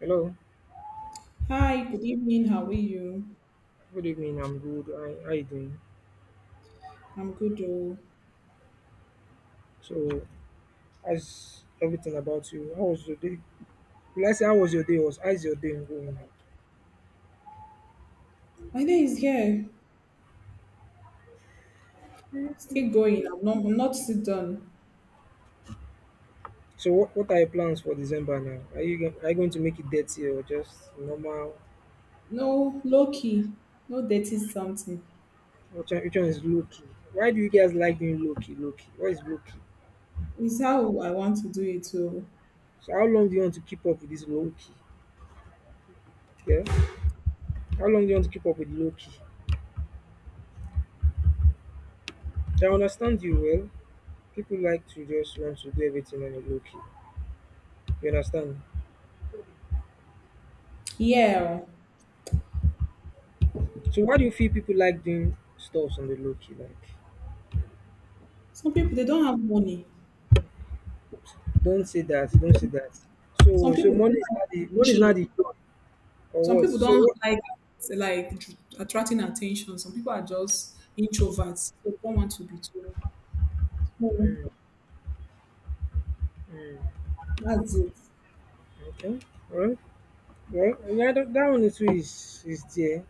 Hello, Hi, good evening. How are you? good evening. I'm good. How you doing? I'm good. Oh, So, how's everything about you? How was your day? Will I say how was your day? Was how's your day going? my day is here, still going. I'm not still done. So, what are your plans for December now? Are you going to make it dirty or just normal? No low key, no dirty something. Which one is low key? Why do you guys like doing low key? Low key. What is low key? It's how I want to do it. So, So, how long do you want to keep up with this low key? Yeah. How long do you want to keep up with low key? I understand you well. People like to just want to do everything on a low key. You understand? yeah, So why do you feel people like doing stuffs on the low key? Like, some people they don't have money. Don't say that. So, Some so people don't like money is attention. not the job or Some what? people So don't what? like like attracting attention. Some people are just introverts. They don't want to be told. So Mm, mm, that's it. okay, all right. Well, yeah, that one too is there.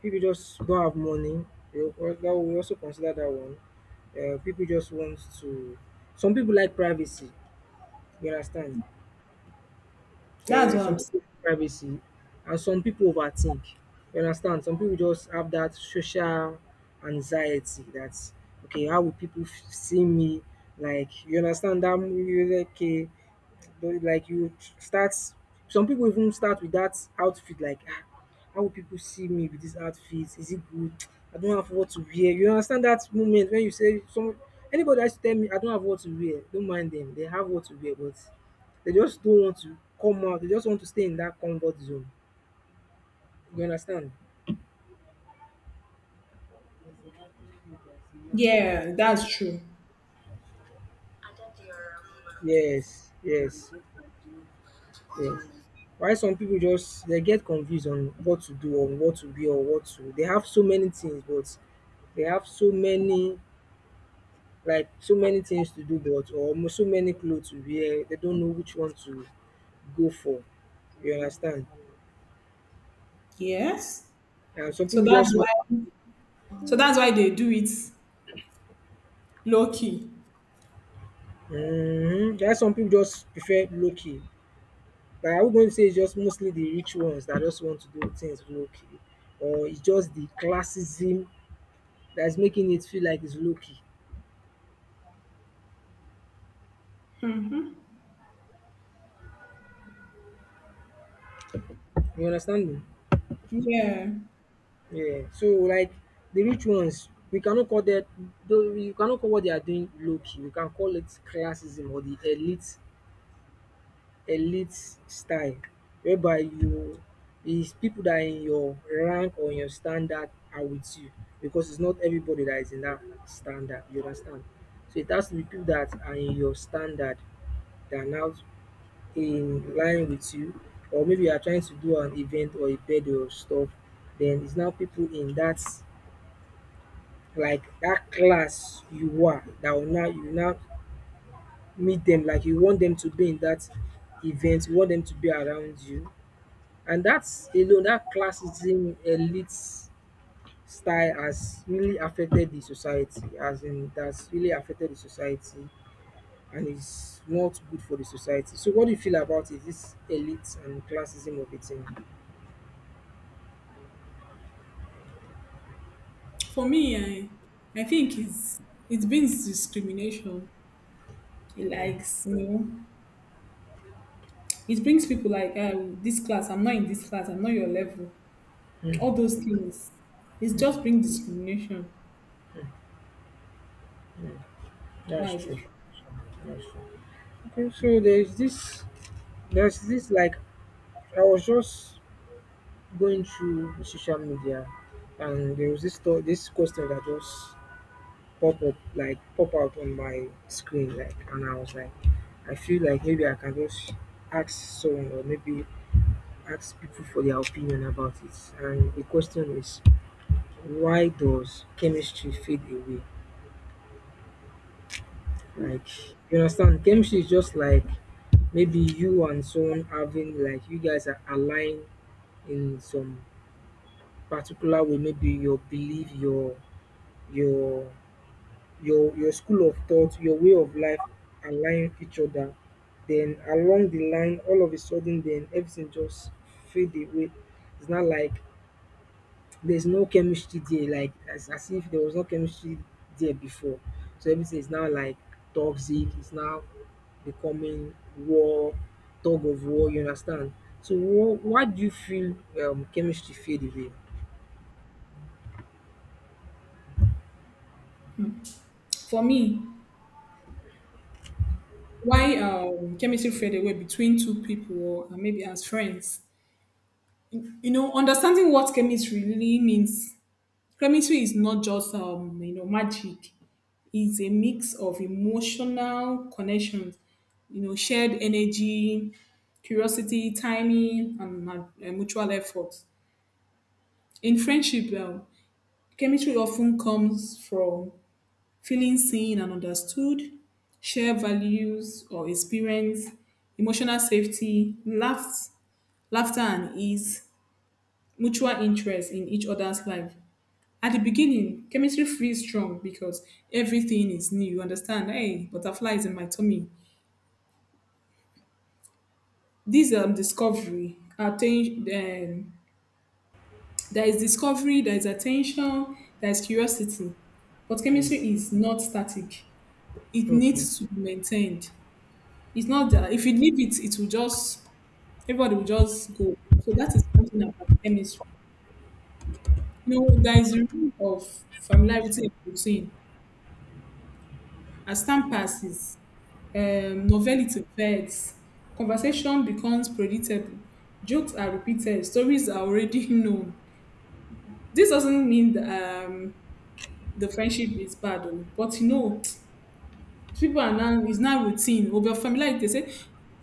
People just don't have money. You know, or- That we also consider that one. People just want to. Some people like privacy. You understand? That's what Some I'm. People like privacy, and some people overthink. You understand? Some people just have that social anxiety. That's okay. How will people f- see me? Like, you understand that? You're like, okay, but like you start, some people even start with that outfit, like, ah, how will people see me with this outfit, is it good, I don't have what to wear, you understand that moment when you say some, anybody has to tell me I don't have what to wear, don't mind them; they have what to wear but they just don't want to come out. They just want to stay in that comfort zone, you understand. Yeah, that's true. Yes, yes, yes. Why some people just they get confused on what to do or what to wear or what to, they have so many things but they have so many, like so many things to do but so many clothes to wear, they don't know which one to go for, you understand. Yes. And some So people that's just want, why so that's why they do it low key. mm-hmm. There are some people just prefer low-key, but I would going to say it's just mostly the rich ones that just want to do things low-key, or it's just the classism that's making it feel like it's low-key, you understand me. Yeah. Yeah, so like the rich ones, we cannot call that, though you cannot call what they are doing low-key. We can call it classism or the elite, elite style, whereby you, is people that are in your rank or your standard are with you, because it's not everybody that is in that standard, you understand. So it has to be people that are in your standard that are now in line with you, or maybe you are trying to do an event or a birthday or stuff, then it's now people in that, like that class you are, that will now, you now meet them, like you want them to be in that event, you want them to be around you. And that's alone, that classism elite style has really affected the society, as in, that's really affected the society and is not good for the society. So what do you feel about it, this elite and classism of it? In- For me, I think it brings discrimination. It mm, likes, it brings people like, oh, this class, I'm not in this class, I'm not your level. mm, All those things. It just mm, brings discrimination. mm. That's That's true. it. That's true. Okay, so there's this, there's this, like, I was just going through social media and there was this thought, this question that just pop up, like, pop out on my screen, like, and I was like, I feel like maybe I can just ask someone or maybe ask people for their opinion about it. And the question is, why does chemistry fade away? Like, you understand chemistry is just like, maybe you and someone having, like you guys are aligned in some particular way, maybe your belief, your your school of thought, your way of life align each other. Then along the line, all of a sudden, then everything just fade away. It's not like there's no chemistry there, like as if there was no chemistry there before. So everything is now like toxic. It's now becoming war, tug of war. You understand? So why do you feel chemistry fade away? For me, why chemistry fade away between two people or maybe as friends? You know, understanding what chemistry really means. Chemistry is not just you know, magic. Is a mix of emotional connections, you know, shared energy, curiosity, timing, and mutual effort. In friendship, chemistry often comes from feeling seen and understood, shared values or experience, emotional safety, laughter and ease, mutual interest in each other's life. At the beginning, chemistry feels strong because everything is new. You understand? Hey, butterflies in my tummy. These discovery, attention. There is discovery, there is attention, there is curiosity. But Mm. chemistry is not static. It Okay. needs to be maintained. It's not that if you leave it, it will just everybody will just go. So that is one thing about chemistry. You know, there is a rule of familiarity and routine. As time passes, novelty fades, conversation becomes predictable, jokes are repeated, stories are already known. This doesn't mean that the friendship is bad, oh, but you know, people are now it's now routine. Over familiarity, they say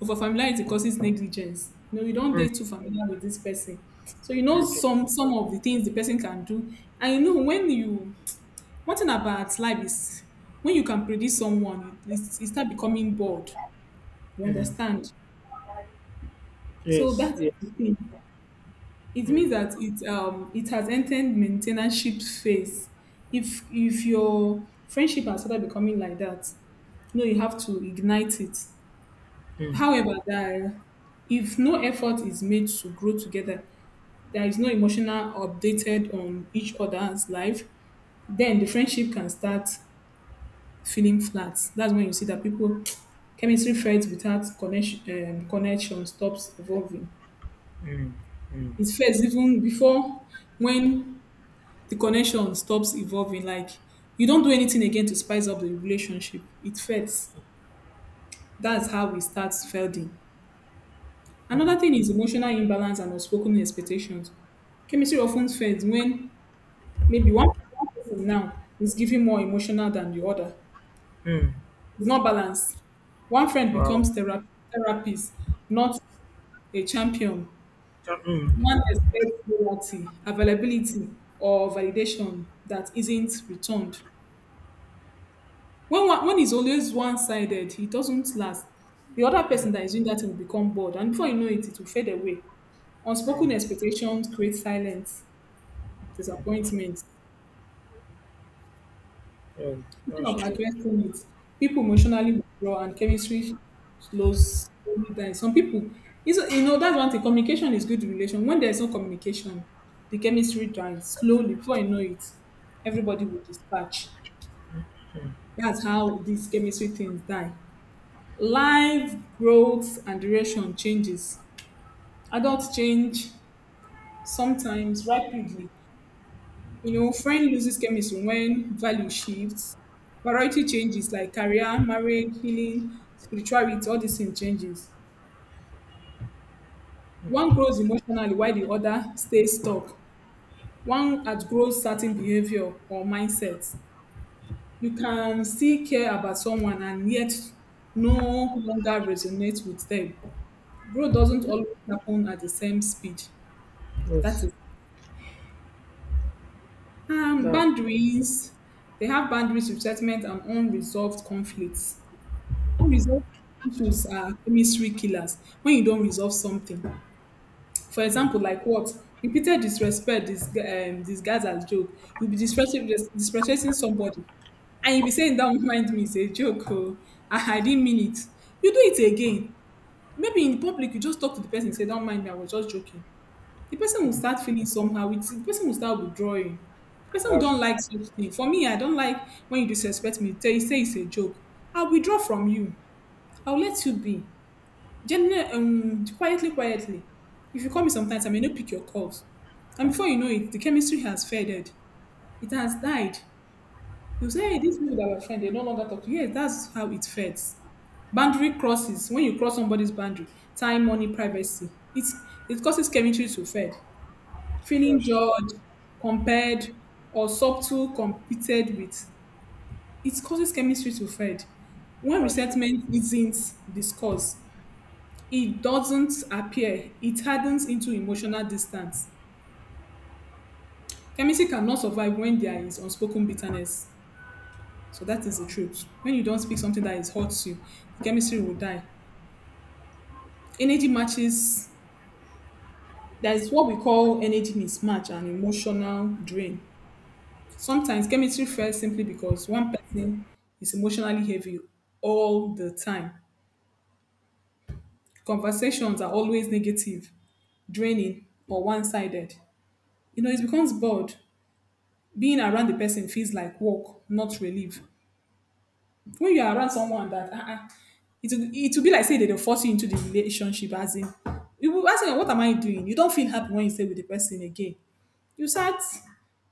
over familiarity causes negligence. You know, you don't Mm. date too familiar with this person, so you know Okay. some of the things the person can do, and you know when you one thing about life is when you can predict someone, you start becoming bored. You Mm. understand? So Yes. that's Yes. the thing. It Mm. means that it has entered maintenance phase. If your friendship has started becoming like that, you know you have to ignite it. Mm. However, that if no effort is made to grow together, there is no emotional updated on each other's life, then the friendship can start feeling flat. That's when you see that people chemistry fades without connection connection stops evolving. Mm, mm, It fades even before when the connection stops evolving. Like you don't do anything again to spice up the relationship. It fades. That's how we start fading. Another mm, thing is emotional imbalance and unspoken expectations. Chemistry often fades when maybe one person now is giving more emotional than the other. mm. It's not balanced. One friend Wow. becomes therapist, not a champion. That, mm, One expects loyalty, availability, or validation that isn't returned. When one when it's always one sided, it doesn't last. The other yeah, person that is doing that thing will become bored, and before you know it, it will fade away. wow. Unspoken expectations create silence, Mm, disappointment. yeah, Instead that's of true. addressing it, people emotionally withdraw and chemistry slows slowly down some people. You know, that's one thing: communication is good relation. When there's no communication, the chemistry dies slowly. Before you know it, everybody will dispatch. That's how these chemistry things die. Life, growth, and duration changes. Adults change sometimes rapidly. You know, friend loses chemistry when value shifts. Variety changes like career, marriage, healing, spirituality, all these things changes. One grows emotionally while the other stays stuck. One outgrows certain behavior or mindsets. You can still care about someone and yet no longer resonate with them. Growth doesn't always happen at the same speed. That Yes. is That, boundaries. They have boundaries with settlement and unresolved conflicts. Unresolved issues are chemistry killers when you don't resolve something. For example, like what? Repeated disrespect, this disguised as joke. You'll be disrespecting, disrespecting somebody. And you'll be saying, that remind me, it's a joke. Oh, I didn't mean it. You do it again. Maybe in public, you just talk to the person and say, don't mind me, I was just joking. The person will mm, start feeling somehow. The person will start withdrawing. The person who that's don't true. like such thing. For me, I don't like when you disrespect me. Tell you say it's a joke. I'll withdraw from you. I'll let you be. Generally, quietly, quietly. If you call me sometimes, I may not pick your calls. And before you know it, the chemistry has faded. It has died. You say, hey, these people that were friends, they no longer talk to you. Yes, that's how it fades. Boundary crosses. When you cross somebody's boundary, time, money, privacy. It causes chemistry to fade. Feeling That's true. judged, compared, or subtle competed with, it causes chemistry to fade. When That's true. resentment isn't discussed, it doesn't appear, it hardens into emotional distance. Chemistry cannot survive when there is unspoken bitterness. So that is the truth. When you don't speak something that is hurts you, the chemistry will die. Energy matches, that is what we call energy mismatch and emotional drain. Sometimes chemistry fails simply because one person is emotionally heavy all the time. Conversations are always negative, draining, or one sided. You know, it becomes bored. Being around the person feels like work, not relief. When you're around someone that, it will be like, say, they force you into the relationship, as in, you will ask them, what am I doing? You don't feel happy when you stay with the person again. You start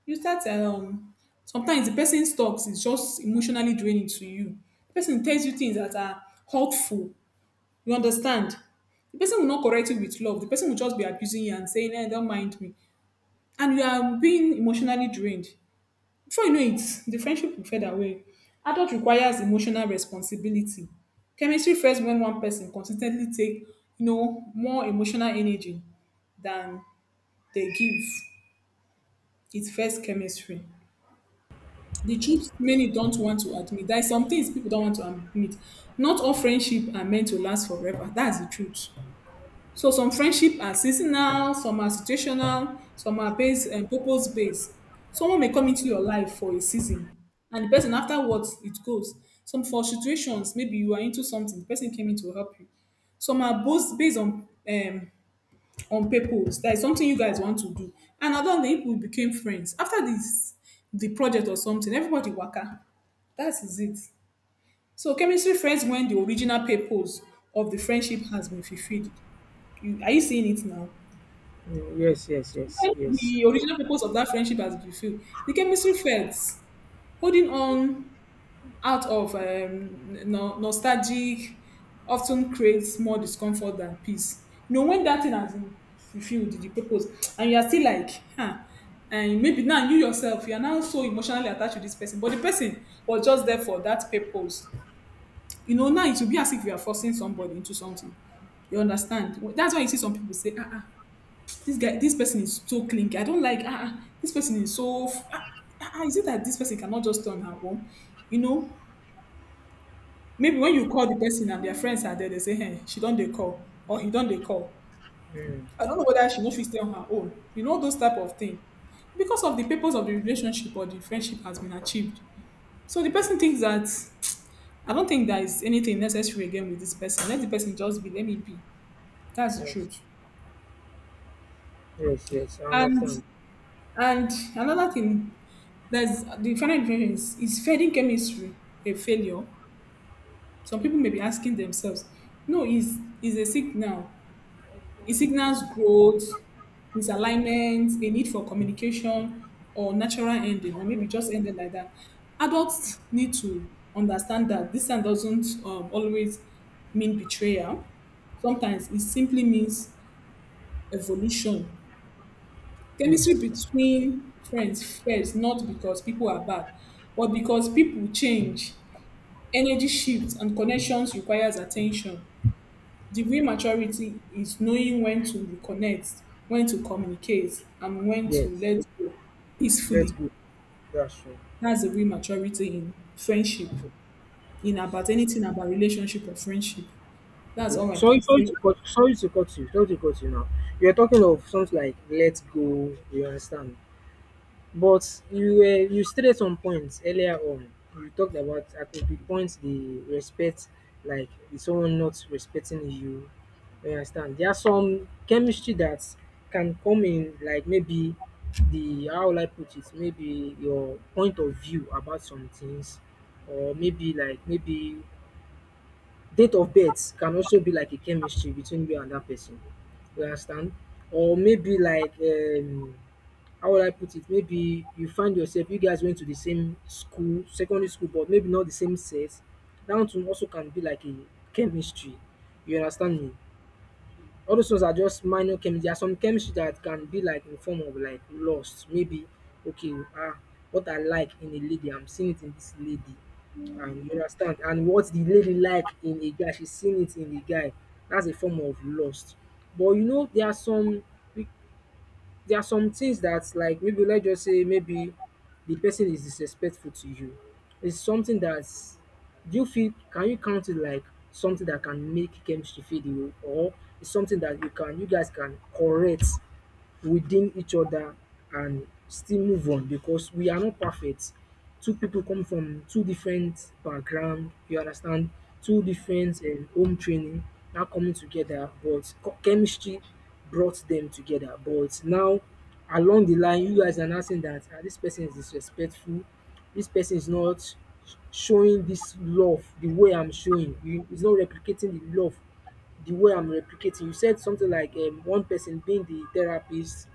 you start sometimes the person talks is just emotionally draining to you. The person tells you things that are hurtful. You understand? The person will not correct you with love. The person will just be abusing you and saying, hey, don't mind me, and you are being emotionally drained. Before you know it, the friendship will fade away. Adult requires emotional responsibility. Chemistry fails when one person consistently take, you know, more emotional energy than they give. It first chemistry. The truth many don't want to admit. There are some things people don't want to admit. Not all friendship are meant to last forever. That's the truth. So some friendship are seasonal, some are situational, some are based and purpose based. Someone may come into your life for a season, and the person afterwards it goes. Some for situations, maybe you are into something, the person came in to help you. Some are both based on purpose. That is something you guys want to do. And along the people became friends. After this, the project or something, everybody waka. That is it. So chemistry friends when the original purpose of the friendship has been fulfilled. You, are you seeing it now? Mm, yes, yes, yes, When yes. the original purpose of that friendship has been fulfilled, the chemistry friends holding on out of no, nostalgic often creates more discomfort than peace. You know, when that thing has been fulfilled, the purpose, and you are still like, huh, and maybe now you yourself, you are now so emotionally attached to this person, but the person was just there for that purpose. You know, now it will be as if you are forcing somebody into something. You understand? That's why you see some people say, ah, ah, this guy, this person is so clingy. I don't like, ah, ah, this person is so, ah, ah, ah, is it that this person cannot just turn her own? You know, maybe when you call the person and their friends are there, they say, hey, she don't they call or he don't they call. Mm, I don't know whether she no fit stay on her own. You know those type of thing. Because of the purpose of the relationship or the friendship has been achieved. So the person mm, thinks that I don't think there is anything necessary again with this person. Let the person just be, let me be. That's the yes. truth. Yes, yes. I And understand. and another thing, there's the final definition is fading chemistry a failure? Some people may be asking themselves, no, is a signal. It signals growth, misalignment, a need for communication, or natural ending, or maybe just ending like that. Adults need to understand that this sign doesn't always mean betrayal. Sometimes it simply means evolution. Mm, Chemistry between friends fails not because people are bad, but because people change. Energy shifts and connections requires attention. The real maturity is knowing when to reconnect, when to communicate, and when to yes. let go Let's peacefully. go. That's true. That's the real maturity in friendship, in about Yes. anything about relationship or friendship. That's Okay. all I Sorry, can sorry say. to cut. Sorry to cut you. Sorry to cut you now. You're talking of something like, let us go. You understand? But you were, you stated some points earlier on. You talked about at the points the respect, like someone not respecting you. You understand? There are some chemistry that can come in, like maybe the, how will I put it? Maybe your point of view about some things, or maybe like, maybe date of birth can also be like a chemistry between you and that person. You understand? Or maybe like, how would I put it? Maybe you find yourself, you guys went to the same school, secondary school, but maybe not the same sex. That one also can be like a chemistry. You understand me? All those ones are just minor chemistry. There are some chemistry that can be like in form of like lust. Maybe, okay, ah, what I like in a lady, I'm seeing it in this lady. And you understand? And what the lady like in a guy, she's seeing it in the guy. That's a form of lust. But you know, there are some, there are some things that, like, maybe let's just say maybe the person is disrespectful to you, it's something that's, do you feel, can you count it like something that can make chemistry fade away, or it's something that you can, you guys can correct within each other and still move on, because we are not perfect, two people come from two different background, you understand, two different home training, now coming together, but chemistry brought them together, but now along the line, you guys are now saying that, ah, this person is disrespectful, this person is not showing this love the way I'm showing you, is not replicating the love the way I'm replicating. You said something like, one person being the therapist,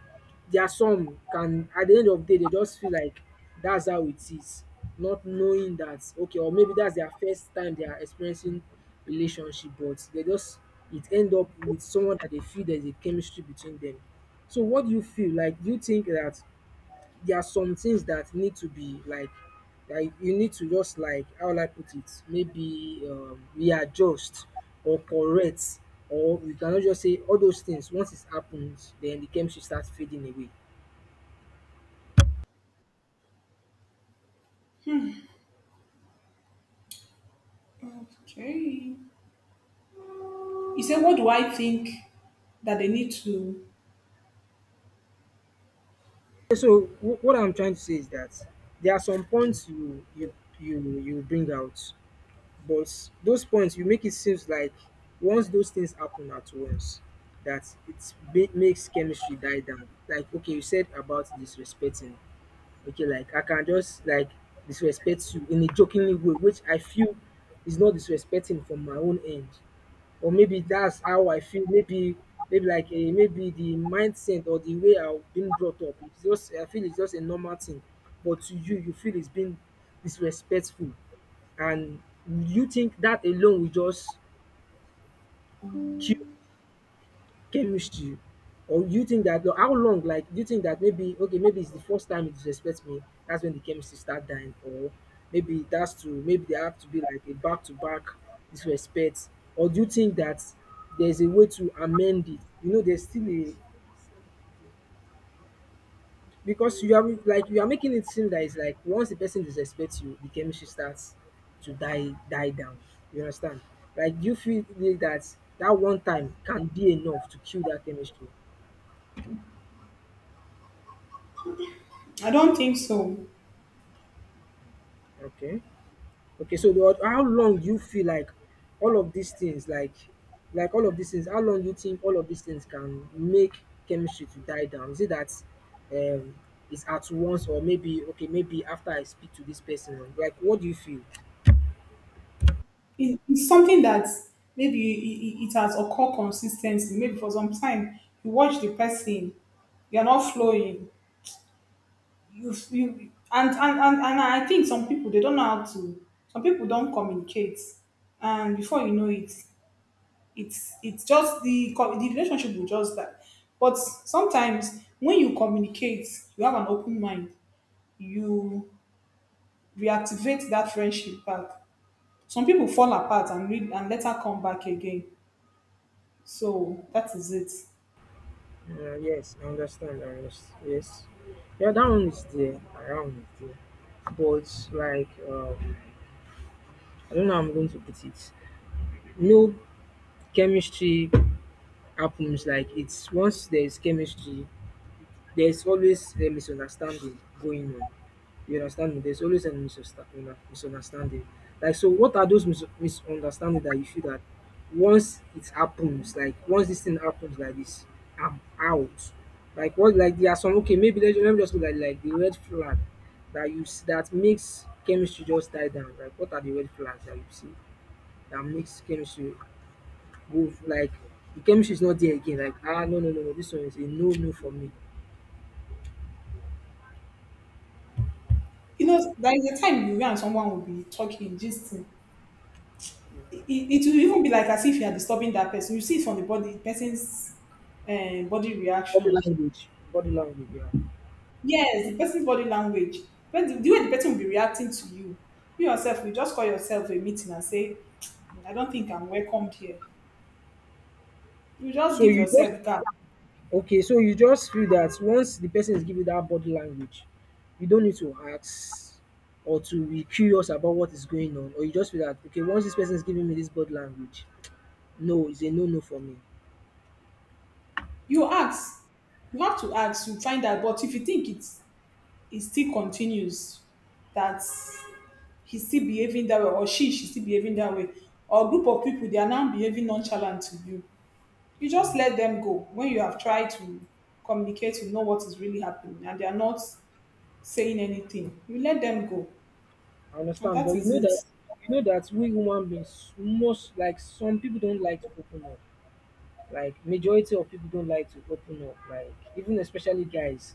there are some can at the end of the day, they just feel like that's how it is, not knowing that, okay, or maybe that's their first time they are experiencing relationship, but they just, it end up with someone that they feel there's a chemistry between them. So what do you feel? Like, do you think that there are some things that need to be like you need to just like, how will I put it, maybe readjust or correct, or we cannot just say all those things once it happens, then the chemistry starts fading away? Okay. You say, what do I think that they need to? So what I'm trying to say is that there are some points you, bring out, but those points you make, it seems like once those things happen at once, that it makes chemistry die down. Like, okay, you said about disrespecting, okay, like, I can just, like, disrespect you in a jokingly way, which I feel is not disrespecting from my own end, or maybe that's how I feel, maybe, maybe like, maybe the mindset or the way I've been brought up, it's just, I feel it's just a normal thing, but to you, you feel it's been disrespectful, and you think that alone will just kill chemistry, or you think that, no, how long, like, do you think that maybe, okay, maybe it's the first time you disrespect me, that's when the chemistry start dying, or maybe it has to, maybe there have to be like a back to back disrespect, or do you think that there's a way to amend it? You know, there's still a, because you are like, you are making it seem that it's like once the person disrespects you, the chemistry starts to die down, you understand. Like, do you feel that that one time can be enough to kill that chemistry? I don't think so. Okay. Okay, so the, how long do you feel like all of these things, like all of these things, how long do you think all of these things can make chemistry to die down? Is it that um it's at once, or maybe, okay, maybe after I speak to this person, like, what do you feel? It's something that maybe it has occurred consistently. Maybe for some time, you watch the person, you're not flowing. You and I think some people they don't know how to, some people don't communicate, and before you know it it's just the the relationship will just die. But sometimes when you communicate, you have an open mind, you reactivate that friendship back. Some people fall apart and read and later come back again. So that is it. Yes, I understand. I understand. Yes, yeah, that one is there. Around is there, but like, I don't know how I'm going to put it. No chemistry happens like it's once there is chemistry, there's always a misunderstanding going on. You understand me? There's always a misunderstanding. Like, so what are those misunderstanding that you feel that once it happens, like once this thing happens like this, I'm out. Like what? Like there are some okay, maybe let me just look at like the red flag that makes chemistry just die down. Like what are the red flags that you see that makes chemistry go like the chemistry is not there again? Like ah, no no no no, this one is a no no for me. You know, there is a time you and someone will be talking, gisting, it will even be like as if you are disturbing that person. You see it from the body, person's body Body reaction. language. Body language, yeah. Yes, the person's body language. But the way the person will be reacting to you, you yourself will just call yourself a meeting and say, "Mm, I don't think I'm welcomed here. You just So give you just yourself gap. okay, so you just feel that once the person is giving that body language, you don't need to ask or to be curious about what is going on, or you just feel that okay, once this person is giving me this body language, no, it's a no no for me. You ask. You have to ask. You find out. But if you think it's, it still continues, that he's still behaving that way, or she's still behaving that way, or a group of people they are now behaving nonchalant to you, you just Mm. let them go when you have tried to communicate to know what is really happening and they are not saying anything, you let them go, I and understand, but that is it. You know that we human beings most like some people don't like to open up. Like majority of people don't like to open up, like even especially guys,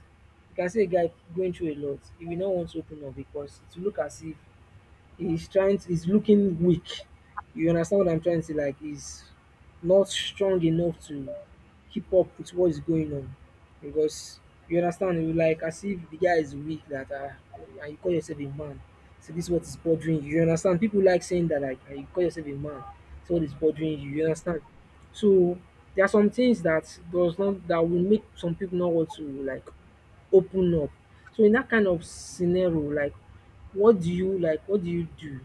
you can see a guy going through a lot, he will not want to open up because it will look as if he's looking weak. You understand what I'm trying to say? Like he's not strong enough to keep up with what is going on. Because you understand, you like as if the guy is weak, that and you call yourself a man. So this is what is bothering you. You understand? People like saying that like "Ah, you call yourself a man. So what is bothering you? You understand? So there are some things that does not that will make some people not want to like open up. So in that kind of scenario, like what do you do?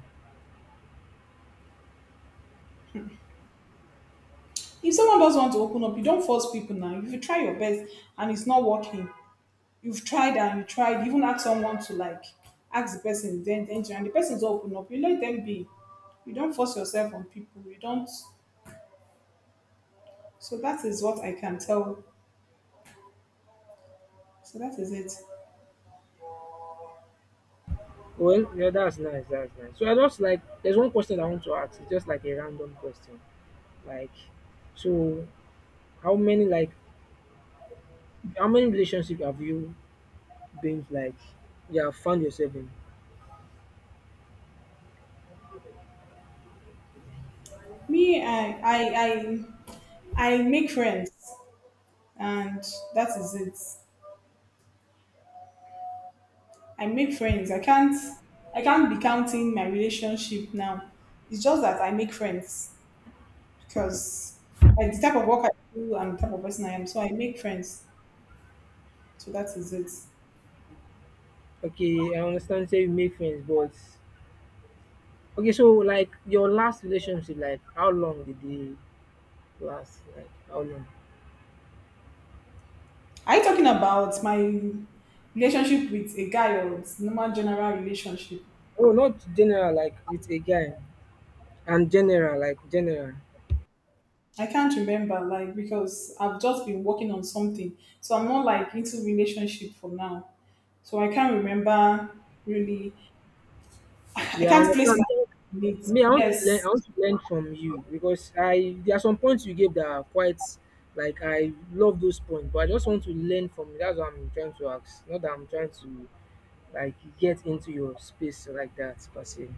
If someone does want to open up, you don't force people. Now if you try your best and it's not working, you've tried and you tried, even ask someone to, like, ask the person, then and the person's open up, you let them be. You don't force yourself on people, you don't. So that is what I can tell. So that is it. Well, yeah, that's nice, that's nice. So I just like there's one question I want to ask, it's just like a random question. Like so how many like how many relationship have you been like you have found yourself in? Me, I I make friends, and that is it. I make friends. I can't, I can't be counting my relationship now. It's just that I make friends because, like, the type of work I do and the type of person I am. So I make friends. So that is it. Okay, I understand say you make friends, but okay, so like your last relationship, like how long did they last? Like how long? Are you talking about my relationship with a guy, or it's normal general relationship? Oh, not general, like with a guy. And general, like general. I can't remember, like, because I've just been working on something. So I'm not like into relationship for now. So I can't remember really. I Yeah, I can't place my understand. needs. Me, I want to learn. I Yes. want to learn from you because I there are some points you gave that are quite like I love those points, but I just want to learn from you. That's what I'm trying to ask. Not that I'm trying to like get into your space like that per se.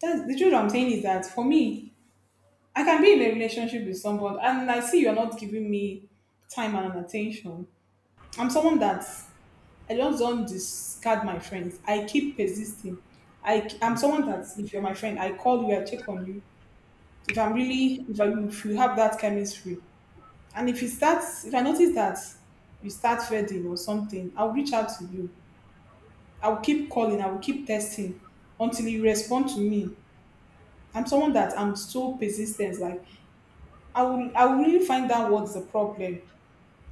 That's the truth, I'm saying, is that for me, I can be in a relationship with someone and I see you're not giving me time and attention. I'm someone that I just don't discard my friends. I keep persisting. I'm Mm. someone that if you're my friend, I call you, I check on you. If I'm really, if I, if you have that chemistry, and if it starts, if I notice that you start fading or something, I'll reach out to you. I'll keep calling, I will keep testing until you respond to me. I'm someone that I'm so persistent. Like I will really find out what's the problem.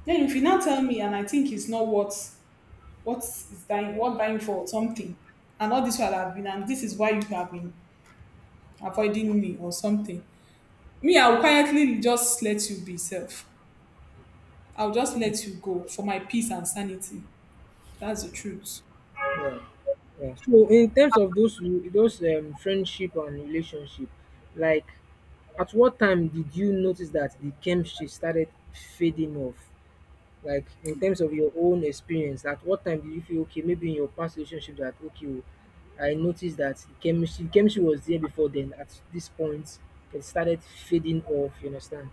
Then if you now tell me and I think it's not what, what is dying, what dying for something, and all this while I've been, and this is why you have been avoiding me or something. Me, I will quietly just let you be self. I'll just let you go for my peace and sanity. That's the truth. Yeah, yeah. So in terms of those friendship and relationship, like at what time did you notice that the chemistry started fading off? Like in terms of your own experience, at what time did you feel okay, maybe in your past relationship that okay, oh, I noticed that the chemistry was there before, then at this point it started fading off, you understand?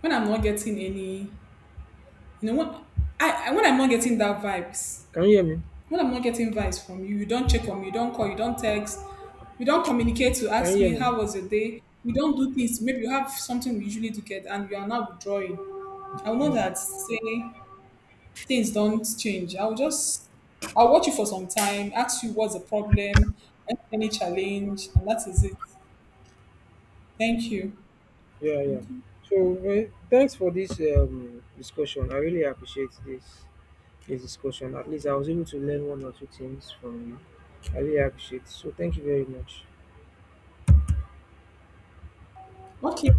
When I'm not getting any, you know, when I when I'm not getting that vibes, Can you hear me? when I'm not getting vibes from you, you don't check on me, you don't call, you don't text, we don't communicate to Can you ask hear me me? how was your day. We don't do things. Maybe you have something we usually do get, and you are now withdrawing. I will know Hmm. that, say things don't change. I will just, I'll watch you for some time, ask you what's the problem, any challenge, and that is it. Thank you. Yeah, yeah. So thanks for this discussion, I really appreciate this this discussion. At least I was able to learn one or two things from you. I really appreciate it. So thank you very much. Okay.